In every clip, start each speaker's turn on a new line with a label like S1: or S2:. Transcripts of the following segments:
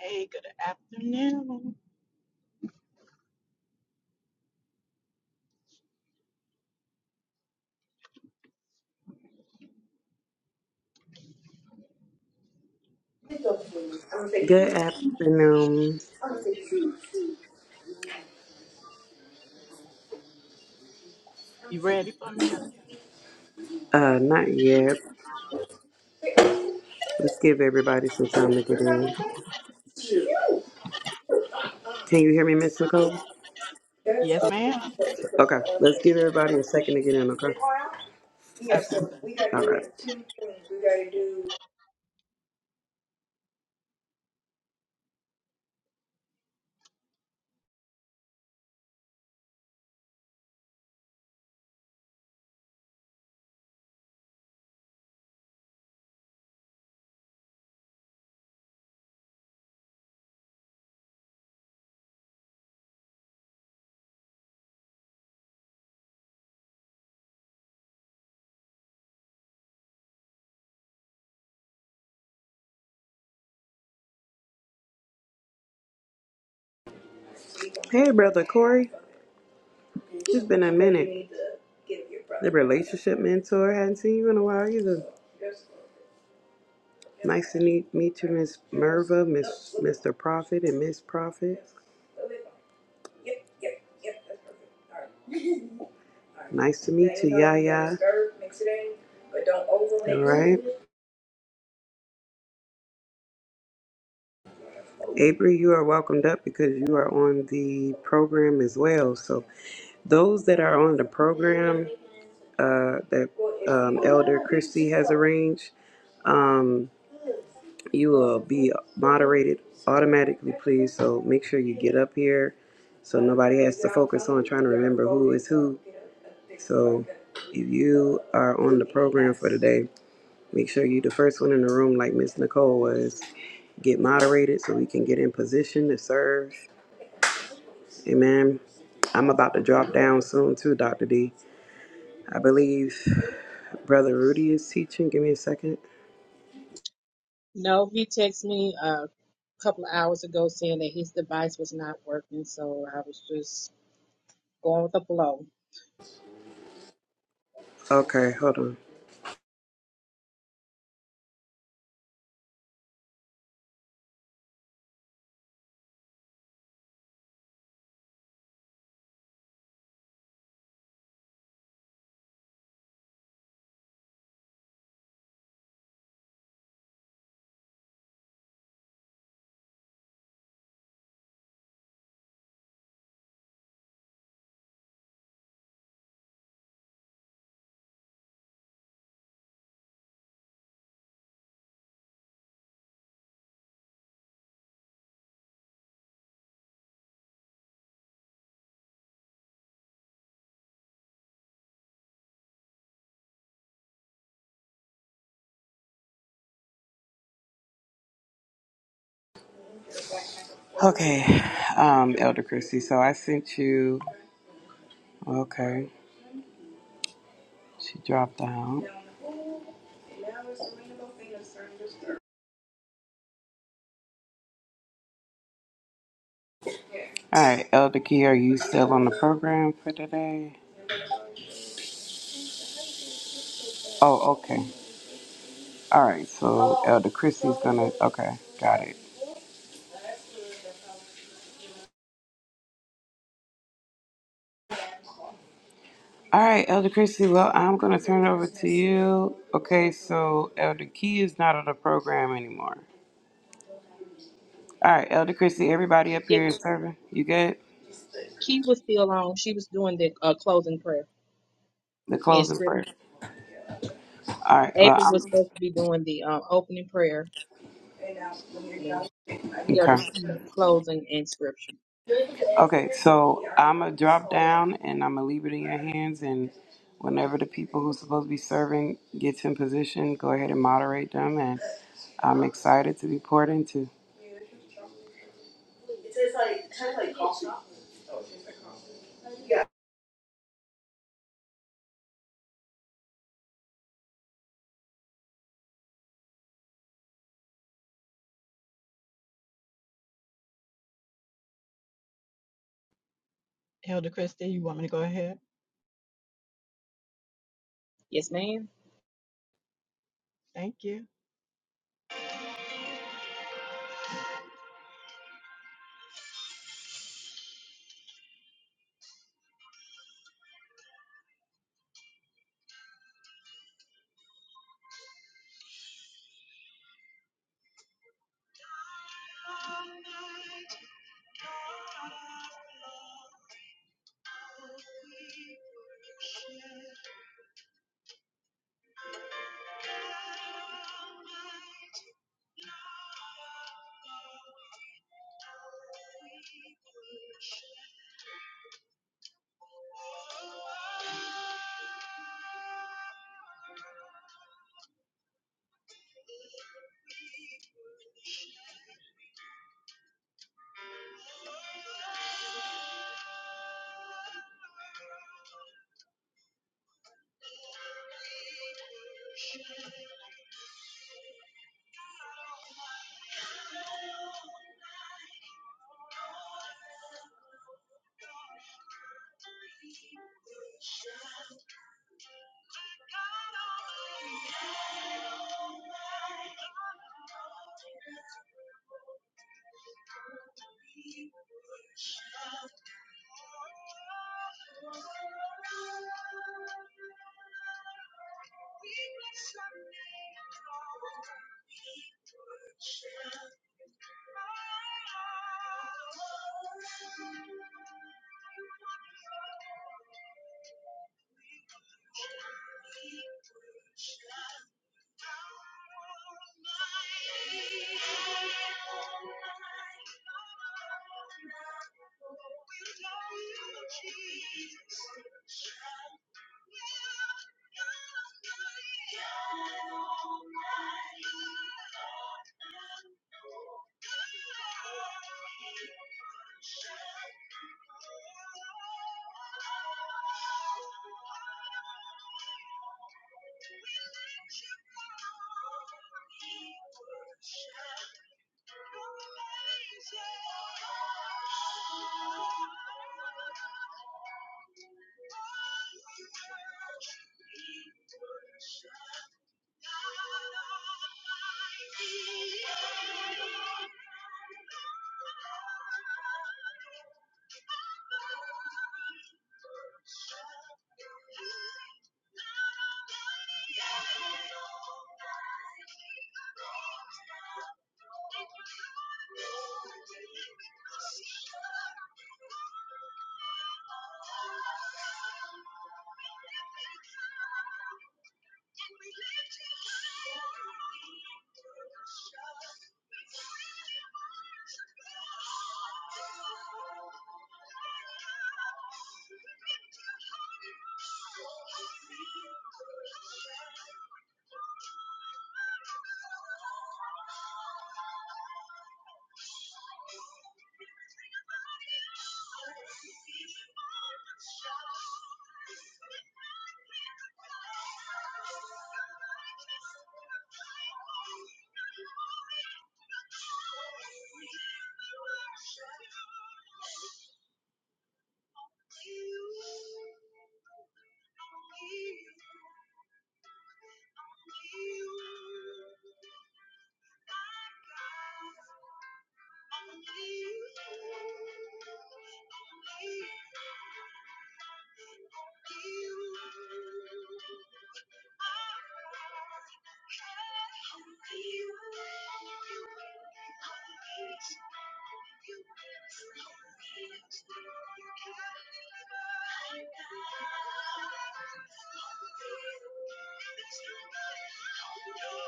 S1: Hey, good afternoon.
S2: Good afternoon.
S1: You ready for me?
S2: Uh, not yet. Let's give everybody some time to get in. Can you hear me, Miss Nicole?
S1: Yes, ma'am.
S2: Okay. Let's give everybody a second to get in. Okay.
S1: Okay.
S2: All right. Hey, brother Corey. It's been a minute. The relationship mentor hadn't seen you in a while either. Nice to meet, meet you, Miss Merva, Miss Mr. Prophet, and Miss Prophet. Nice to meet you, Yaya. All right. Avery, you are welcomed up because you are on the program as well. So Those that are on the program uh, that um, Elder Christie has arranged, um, you will be moderated automatically, please. So make sure you get up here so nobody has to focus on trying to remember who is who. So if you are on the program for today, make sure you are the first one in the room, like Miss Nicole was. Get moderated so we can get in position to serve. Amen. I'm about to drop down soon too, Dr. D. I believe Brother Rudy is teaching. Give me a second.
S3: No, he texted me a couple of hours ago saying that his device was not working, so I was just going with the flow.
S2: Okay, hold on. Okay, um, Elder Christie. So I sent you. Okay, she dropped out. All right, Elder Key, are you still on the program for today? Oh, okay. All right, so Elder Christie's gonna. Okay, got it. All right, Elder Christie. Well, I'm gonna turn it over to you. Okay, so Elder Key is not on the program anymore. All right, Elder Christie. Everybody up
S3: Yeah,
S2: here is serving. You good?
S3: Key was still on. She was doing the uh, closing prayer
S2: The
S3: and
S2: closing
S3: script.
S2: prayer. All right. Well,
S3: April was
S2: I'm
S3: supposed to be doing the uh, opening prayer and
S2: okay.
S3: Elder Key closing and scripture.
S2: Okay. So I'm gonna drop down and I'm gonna leave it in your hands. And whenever the people who's supposed to be serving gets in position, go ahead and moderate them. And I'm excited to be poured into.
S1: Elder Christie, you want me to go ahead?
S3: Yes, ma'am.
S1: Thank you. Thank you. Only the shadow. I got all night. I got all night. We bless our name. We bless our name. We bless our name. Thank you. Thank you. And we live to fight. We're fighting for our love. We're living for our love. Thank you. Thank you. Thank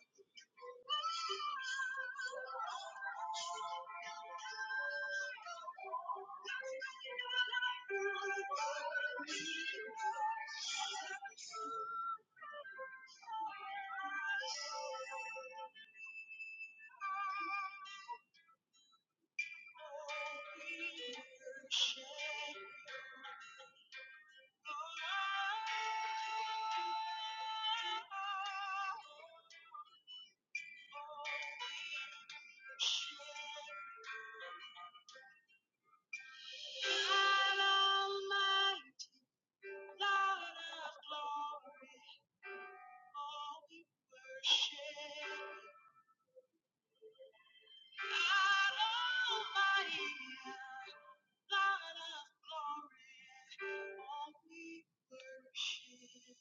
S1: you. Thank you. God Almighty, Lord of glory, all we worship. God Almighty, Lord of glory, all we worship.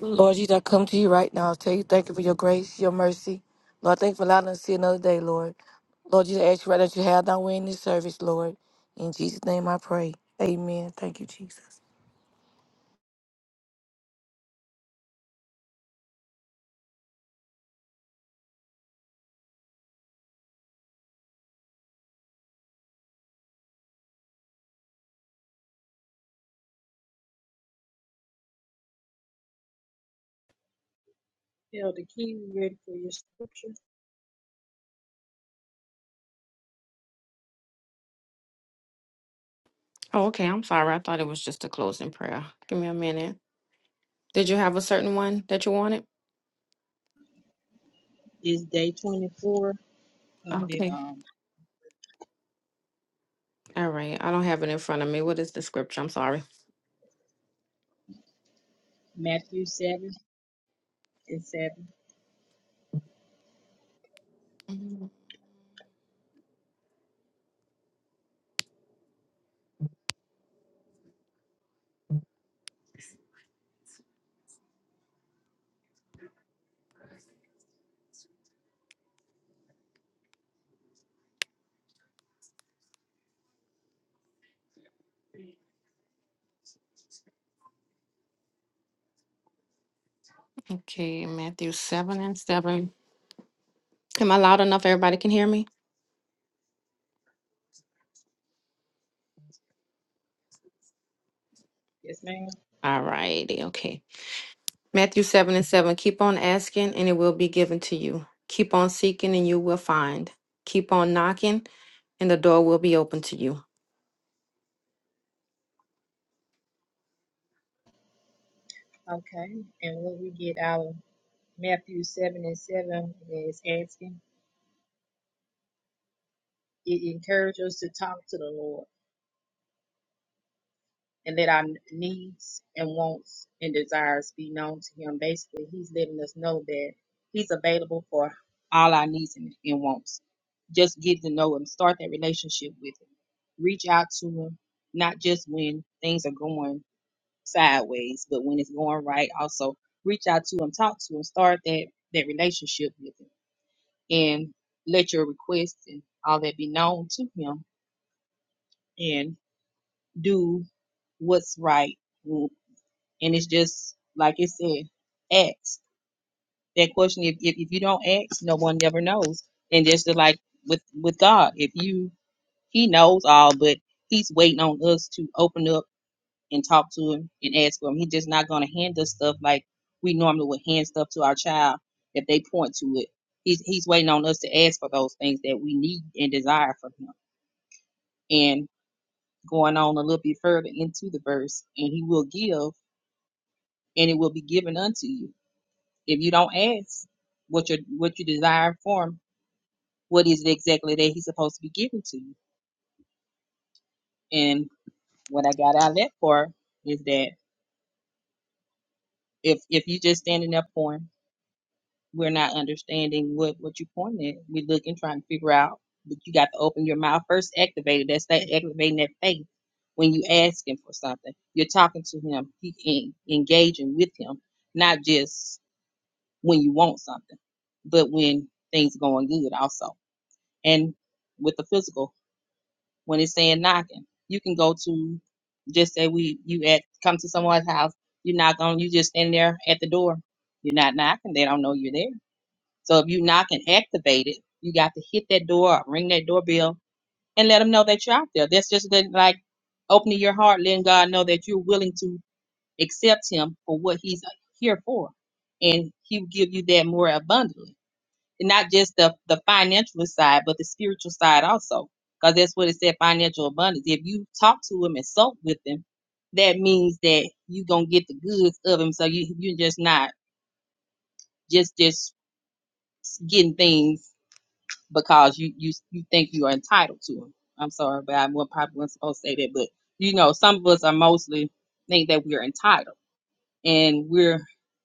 S4: Lord, Jesus, I come to you right now. tell you, thank you for your grace, your mercy. Lord, thank you for allowing us to see another day, Lord. Lord, Jesus, I ask you right now that you have not way in this service, Lord. In Jesus' name I pray. Amen. Thank you, Jesus.
S3: Elder Key, you ready for your scripture?
S5: Oh, okay. I'm sorry. I thought it was just a closing prayer. Give me a minute. Did you have a certain one that you wanted?
S3: Is day 24 of the
S5: Okay.
S3: um,
S5: All right. I don't have it in front of me. What is the scripture? I'm sorry.
S3: Matthew 7 and 7.
S5: Mm, Okay. Matthew 7 and 7. Am I loud enough? Everybody can hear me?
S3: Yes, ma'am.
S5: All righty. Okay. Matthew 7 and 7. Keep on asking and it will be given to you. Keep on seeking and you will find. Keep on knocking and the door will be open to you.
S3: Okay. And when we get our Matthew 7 and 7 is asking, it encourages us to talk to the Lord and let our needs and wants and desires be known to Him. Basically, He's letting us know that He's available for all our needs and, and wants. Just get to know Him, start that relationship with Him, reach out to Him, not just when things are going sideways, but when it's going right. Also, reach out to Him, talk to Him, start that, that relationship with Him and let your requests and all that be known to him and do what's right. And it's just like it said, ask that question. If, if, if you don't ask, no one never knows. And just like with, with God, if you, he knows all, but he's waiting on us to open up and talk to him and ask for him. He's just not going to hand us stuff like we normally would hand stuff to our child if they point to it. He's, he's waiting on us to ask for those things that we need and desire for him. and going on a little bit further into the verse, and he will give, and it will be given unto you. If you don't ask what you what you desire for him, what is it exactly that he's supposed to be giving to you? And what I got out of that part is that if if you just standing up for him we're not understanding what what you're pointing at. We're looking, trying to figure out, but you got to open your mouth first. Activate it. That's that activating that faith. When you ask him for something, you're talking to him. He en- engaging with him, not just when you want something, but when things are going good also. And with the physical, when it's saying knocking, you can go to just say we you at come to someone's house. You're not going. You just stand there at the door. You're not knocking. They don't know you're there so if you knock and activate it, you got to hit that door, ring that doorbell, and let them know that you're out there. That's just that, like opening your heart, letting God know that you're willing to accept Him for what He's uh, here for, and He will give you that more abundantly. And not just the the financial side, but the spiritual side also, because that's what it said: financial abundance. If you talk to Him and soak with Him, that means that you gonna get the goods of Him. So you you're just not just just getting things because you you you think you are entitled to them. I'm sorry, but I wa- probably wasn't supposed to say that. But you know, some of us are mostly think that we're entitled, and we're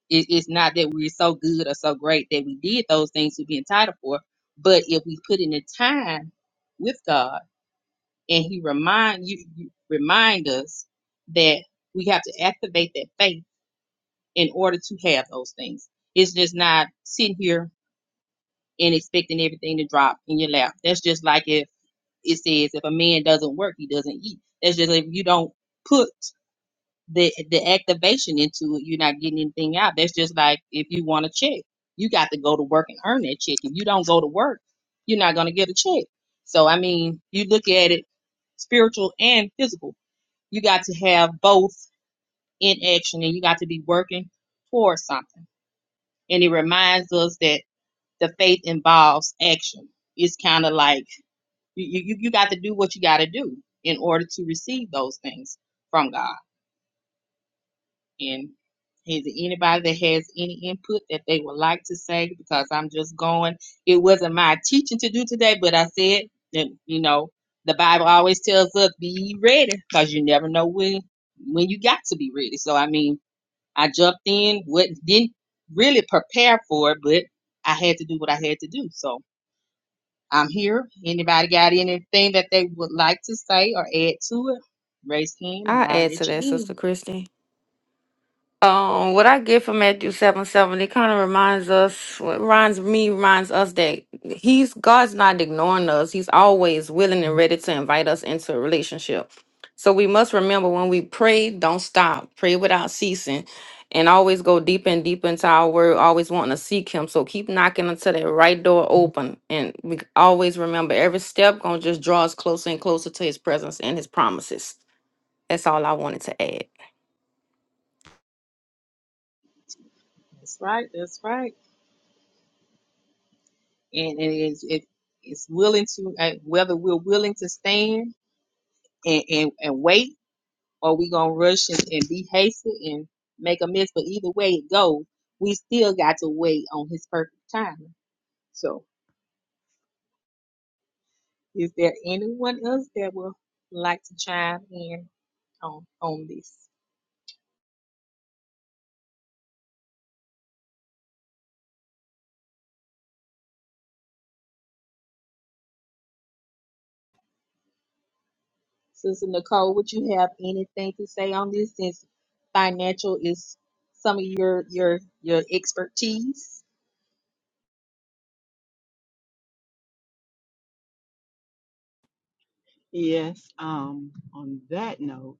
S3: it, it's not that we're so good or so great that we did those things to be entitled for. But if we put in the time with God, and He remind you you- remind us that we have to activate that faith in order to have those things. It's just not sitting here and expecting everything to drop in your lap. That's just like if it says if a man doesn't work, he doesn't eat. That's just like, if you don't put the the activation into it, you're not getting anything out. That's just like if you want a check, you got to go to work and earn that check. If you don't go to work, you're not gonna get a check. So I mean, you look at it spiritual and physical. You got to have both in action and you got to be working towards something. And it reminds us that the faith involves action. It's kind of like you you you got to do what you got to do in order to receive those things from God. And is there anybody that has any input that they would like to say? Because I'm just going. It wasn't my teaching to do today, but I said that you know the Bible always tells us be ready because you never know when when you got to be ready. So I mean, I jumped in, what didn't really prepare for it, but I had to do what I had to do. So I'm here. Anybody got anything that they would like to say or add to it? Raise hand
S5: I
S3: and I'll
S5: add to
S3: let you
S5: that, Sister
S3: in.
S5: Christy. Um, what I get from Matthew seven seven, it kind of reminds us, what reminds me, reminds us that He's God's not ignoring us. He's always willing and ready to invite us into a relationship. So we must remember when we pray, don't stop. Pray without ceasing, and always go deep and deep into our word. Always wanting to seek Him. So keep knocking until that right door open, and we always remember every step gonna just draw us closer and closer to His presence and His promises. That's all I wanted to add.
S3: That's right. That's right. And it is it, it's willing to uh, whether we're willing to stand and and, and wait or we gonna rush and, and be hasty and make a mess. But either way it goes, we still got to wait on His perfect timing. So, is there anyone else that would like to chime in on on this? Sister Nicole, would you have anything to say on this since financial is some of your your your expertise?
S1: Yes, um, on that note,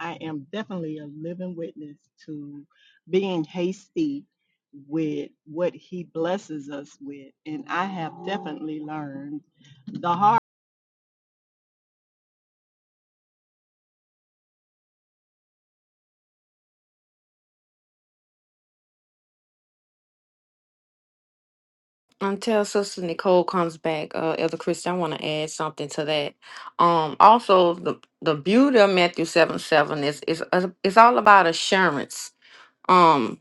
S1: I am definitely a living witness to being hasty with what he blesses us with. And I have definitely learned the hard
S5: Until Sister Nicole comes back, uh, Elder Christian, I want to add something to that. Um, also, the the beauty of Matthew seven seven is is uh, it's all about assurance. Um,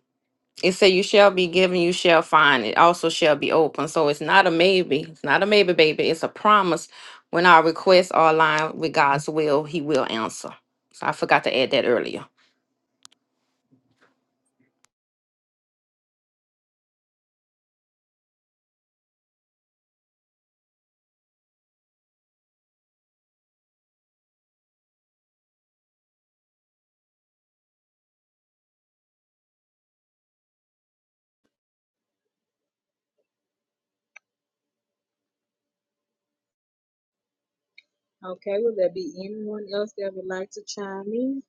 S5: it said, "You shall be given, you shall find. It also shall be open." So it's not a maybe. It's not a maybe, baby. It's a promise. When our requests are aligned with God's will, He will answer. So I forgot to add that earlier.
S3: Okay, will there be anyone else that would like to chime in?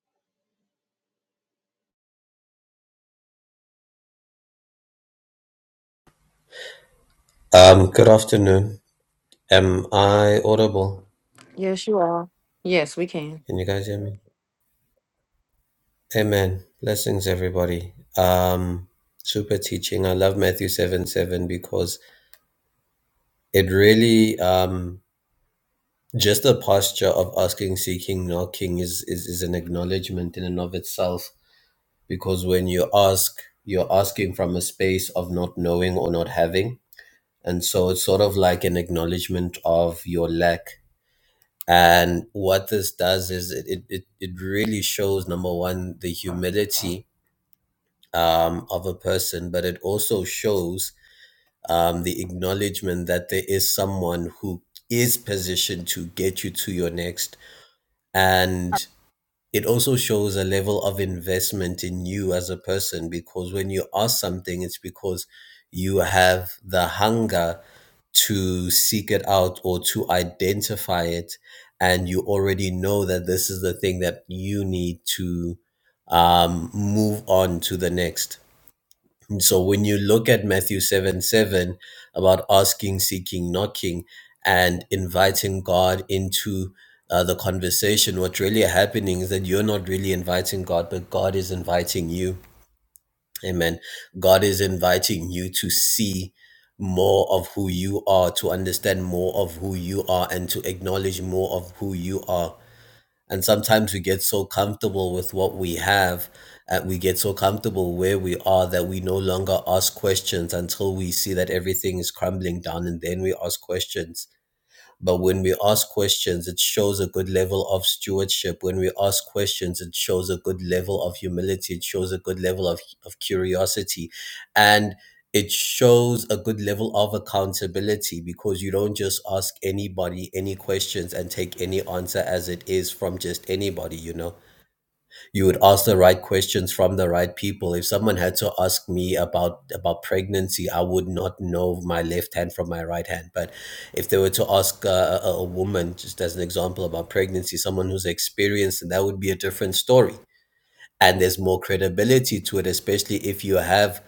S6: Um, good afternoon. Am I audible?
S5: Yes, you are. Yes, we can.
S6: Can you guys hear me? Amen. Blessings, everybody. Um, super teaching. I love Matthew 7 7 because it really, um, just the posture of asking, seeking, knocking is, is, is an acknowledgement in and of itself. Because when you ask, you're asking from a space of not knowing or not having. And so it's sort of like an acknowledgement of your lack And what this does is it, it, it it really shows number one, the humility um, of a person, but it also shows um, the acknowledgement that there is someone who is positioned to get you to your next. And it also shows a level of investment in you as a person because when you ask something, it's because you have the hunger to seek it out or to identify it and you already know that this is the thing that you need to um, move on to the next And so when you look at matthew 7 7 about asking seeking knocking and inviting god into uh, the conversation what's really happening is that you're not really inviting god but god is inviting you Amen. God is inviting you to see more of who you are, to understand more of who you are, and to acknowledge more of who you are. And sometimes we get so comfortable with what we have, and we get so comfortable where we are that we no longer ask questions until we see that everything is crumbling down, and then we ask questions but when we ask questions, it shows a good level of stewardship. When we ask questions, it shows a good level of humility. It shows a good level of, of curiosity. And it shows a good level of accountability because you don't just ask anybody any questions and take any answer as it is from just anybody, you know you would ask the right questions from the right people. If someone had to ask me about about pregnancy, I would not know my left hand from my right hand. But if they were to ask uh, a, a woman, just as an example, about pregnancy, someone who's experienced, and that would be a different story. And there's more credibility to it, especially if you have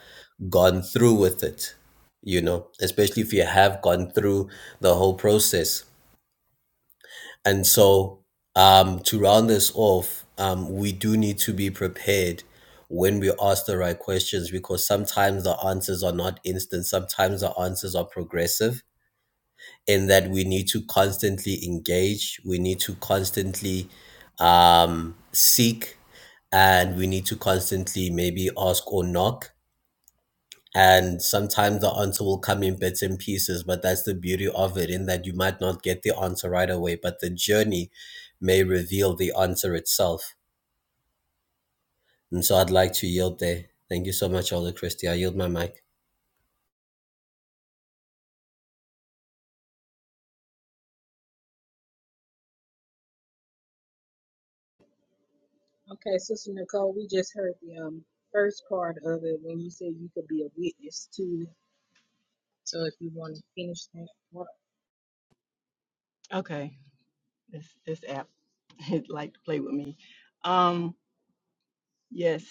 S6: gone through with it. You know, especially if you have gone through the whole process. And so, um, to round this off, um, we do need to be prepared when we ask the right questions because sometimes the answers are not instant. Sometimes the answers are progressive in that we need to constantly engage, we need to constantly um, seek, and we need to constantly maybe ask or knock and sometimes the answer will come in bits and pieces but that's the beauty of it in that you might not get the answer right away but the journey may reveal the answer itself and so i'd like to yield there thank you so much elder Christie. i yield my mic
S3: Okay, Sister Nicole, we just heard the um first part of it when you said you could be a witness to it. So if you want to finish that part.
S1: okay, this this app it like to play with me. Um, yes,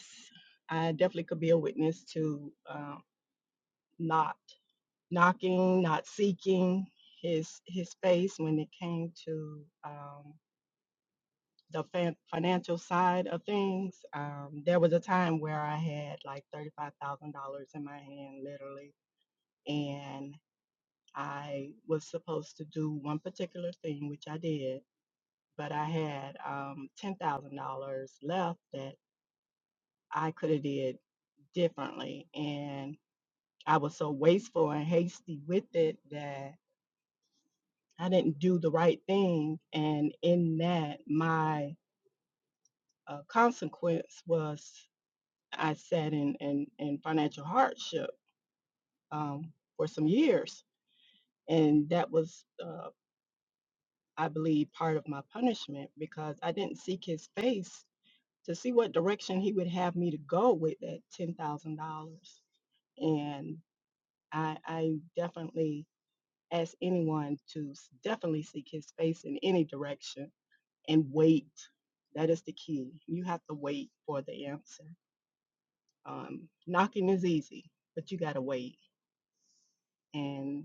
S1: I definitely could be a witness to um not knocking, not seeking his his face when it came to um, the fan- financial side of things. Um, there was a time where I had like thirty five thousand dollars in my hand, literally, and I was supposed to do one particular thing, which I did, but I had um, ten thousand dollars left that I could have did differently, and I was so wasteful and hasty with it that I didn't do the right thing. And in that, my uh, consequence was I sat in, in, in financial hardship um, for some years. And that was, uh, I believe, part of my punishment because I didn't seek his face to see what direction he would have me to go with that $10,000. And I, I definitely ask anyone to s- definitely seek his face in any direction and wait. That is the key. You have to wait for the answer. Um, knocking is easy, but you got to wait, and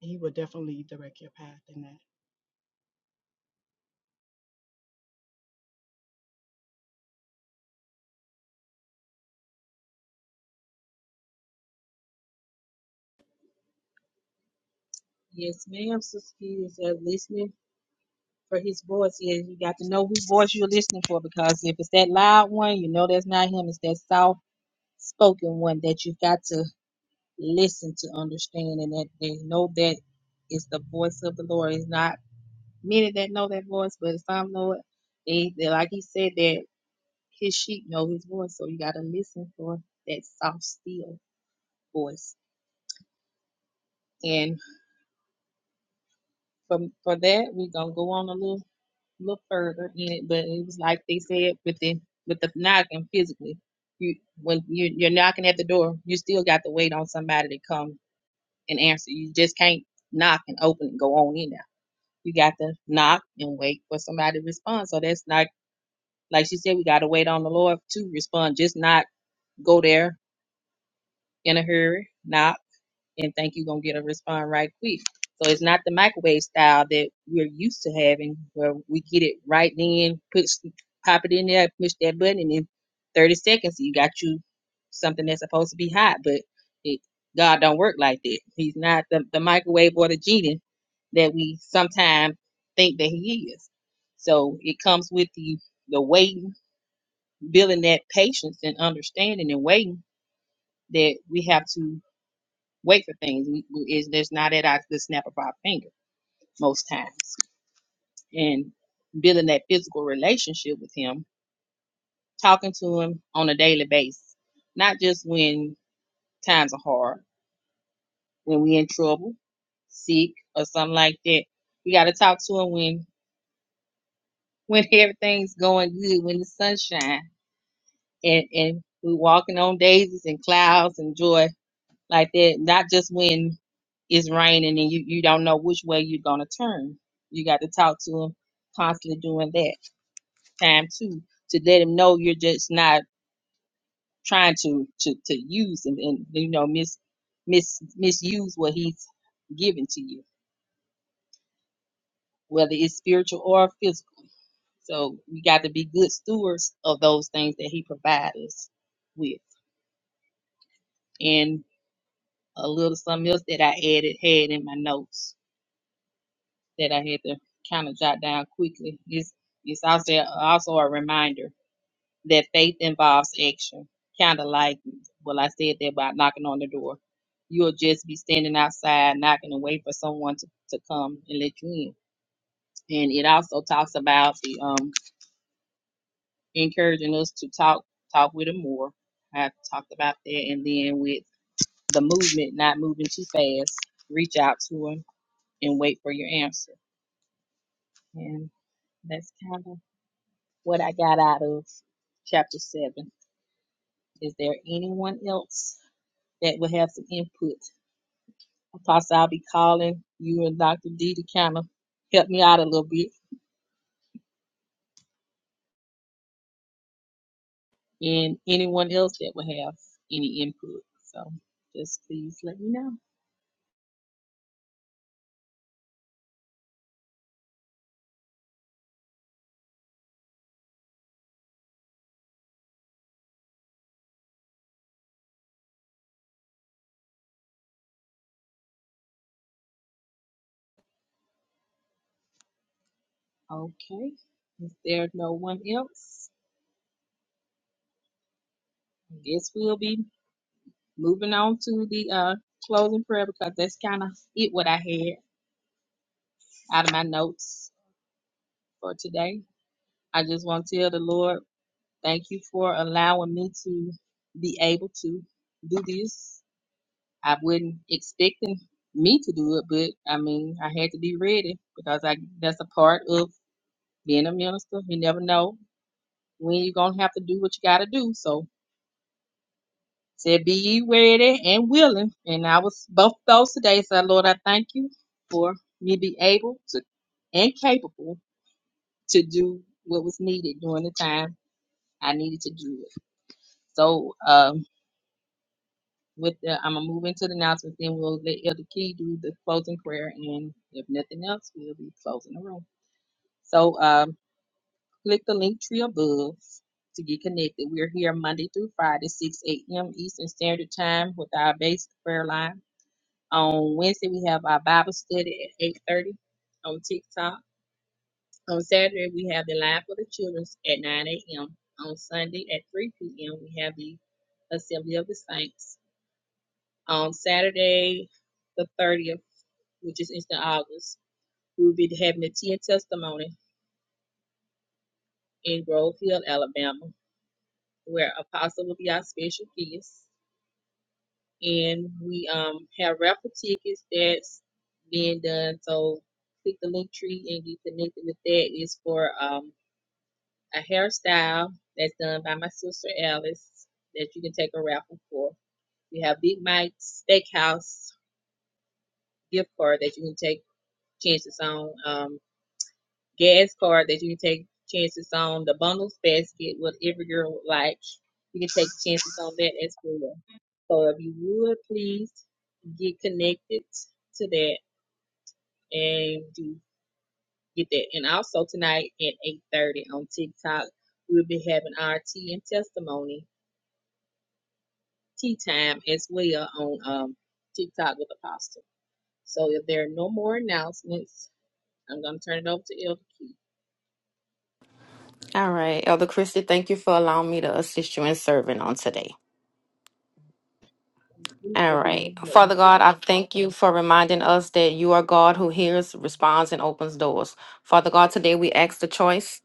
S1: He will definitely direct your path in that.
S3: Yes, ma'am, Sister Key is uh, listening for his voice. Yes, you got to know whose voice you're listening for because if it's that loud one, you know that's not him, it's that soft spoken one that you've got to listen to understand and that they know that it's the voice of the Lord. It's not many that know that voice, but some know it. They, they like he said that his sheep know his voice, so you gotta listen for that soft still voice. And from for that we're gonna go on a little little further in it, but it was like they said with the with the knocking physically. You when you you're knocking at the door, you still got to wait on somebody to come and answer. You just can't knock and open and go on in there You got to knock and wait for somebody to respond. So that's not like she said, we gotta wait on the Lord to respond. Just not go there in a hurry. Knock and think you're gonna get a response right quick. So it's not the microwave style that we're used to having, where we get it right then, push, pop it in there, push that button, and in 30 seconds you got you something that's supposed to be hot. But it, God don't work like that. He's not the, the microwave or the genie that we sometimes think that he is. So it comes with the the waiting, building that patience and understanding and waiting that we have to wait for things. We, we it's just not at our, the snap of our finger most times. And building that physical relationship with Him, talking to Him on a daily basis, not just when times are hard, when we in trouble, sick, or something like that. We got to talk to Him when when everything's going good, when the sunshine and and we walking on daisies and clouds and joy like that. Not just when it's raining and you, you don't know which way you're gonna turn. You got to talk to him constantly doing that time too to let him know you're just not trying to to, to use him and you know mis mis misuse what he's given to you, whether it's spiritual or physical. So we got to be good stewards of those things that he provides us with. And a little something else that I added had in my notes that I had to kind of jot down quickly. It's, it's also, also a reminder that faith involves action. Kind of like, well, I said that about knocking on the door. You'll just be standing outside knocking and wait for someone to, to come and let you in. And it also talks about the um, encouraging us to talk, talk with them more. I talked about that. And then with the movement, not moving too fast, reach out to them and wait for your answer. And that's kind of what I got out of chapter 7. Is there anyone else that would have some input? Apostle, I'll be calling you and Dr. D to kind of help me out a little bit, and anyone else that would have any input. So just please let me know. Okay. If there's no one else, I guess we'll be moving on to the uh, closing prayer because that's kind of it what I had out of my notes for today. I just want to tell the Lord. Thank you for allowing me to be able to do this. I wasn't expecting me to do it, but I mean, I had to be ready because I that's a part of being a minister. You never know when you're gonna have to do what you gotta do. So said, be ye ready and willing. And I was both those today. So Lord, I thank you for me be able to and capable to do what was needed during the time I needed to do it. So, um, with the, I'm gonna move into the announcements, then we'll let Elder Key do the closing prayer, and if nothing else, we'll be closing the room. So, um, click the link tree above to get connected. We're here Monday through Friday, 6 a.m. Eastern Standard Time with our basic prayer line. On Wednesday, we have our Bible study at 8:30 on TikTok. On Saturday, we have the line for the children at 9 a.m. On Sunday at 3 p.m., we have the Assembly of the Saints. On Saturday, the 30th. which is Eastern August. We will be having a tea and testimony in Grove Hill, Alabama, where Apostle will be our special guest. And we um have raffle tickets that's being done. So click the link tree and get connected with that. It's for um a hairstyle that's done by my sister Alice that you can take a raffle for. We have Big Mike's Steakhouse gift card that you can take chances on. Um. gas card that you can take chances on. The bundles basket, what every girl would like. You can take chances on that as well. So if you would please get connected to that and do get that. And also tonight at 8.30 on TikTok, we'll be having our tea and testimony tea time as well on um, TikTok with Apostle. So if there are no more announcements, I'm going to turn it over to Elder
S5: All right, Elder Christie, thank you for allowing me to assist you in serving on today. All right.
S3: Keith.
S5: Father God, I thank you for reminding us that you are God who hears, responds, and opens doors. Father God, today we ask the choice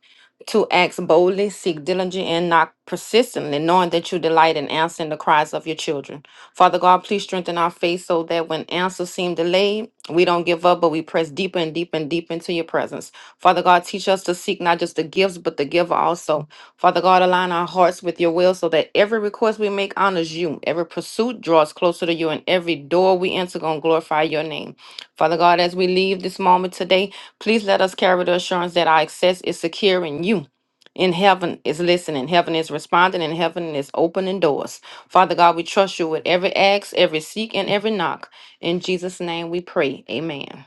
S5: to act boldly, seek diligently, and knock persistently, knowing that you delight in answering the cries of your children. Father God, please strengthen our faith so that when answers seem delayed, we don't give up, but we press deeper and deeper and deeper into your presence. Father God, teach us to seek not just the gifts, but the giver also. Father God, align our hearts with your will so that every request we make honors you. Every pursuit draws closer to you, and every door we enter gonna glorify your name. Father God, as we leave this moment today, please let us carry the assurance that our access is secure in you. In heaven is listening, heaven is responding, and heaven is opening doors. Father God, we trust you with every ask, every seek, and every knock. In Jesus' name we pray. Amen.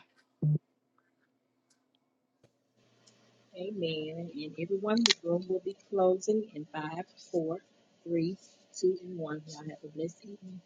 S3: Amen. And everyone, the room will be closing in five, four, three, two, and one. Y'all have a blessed evening.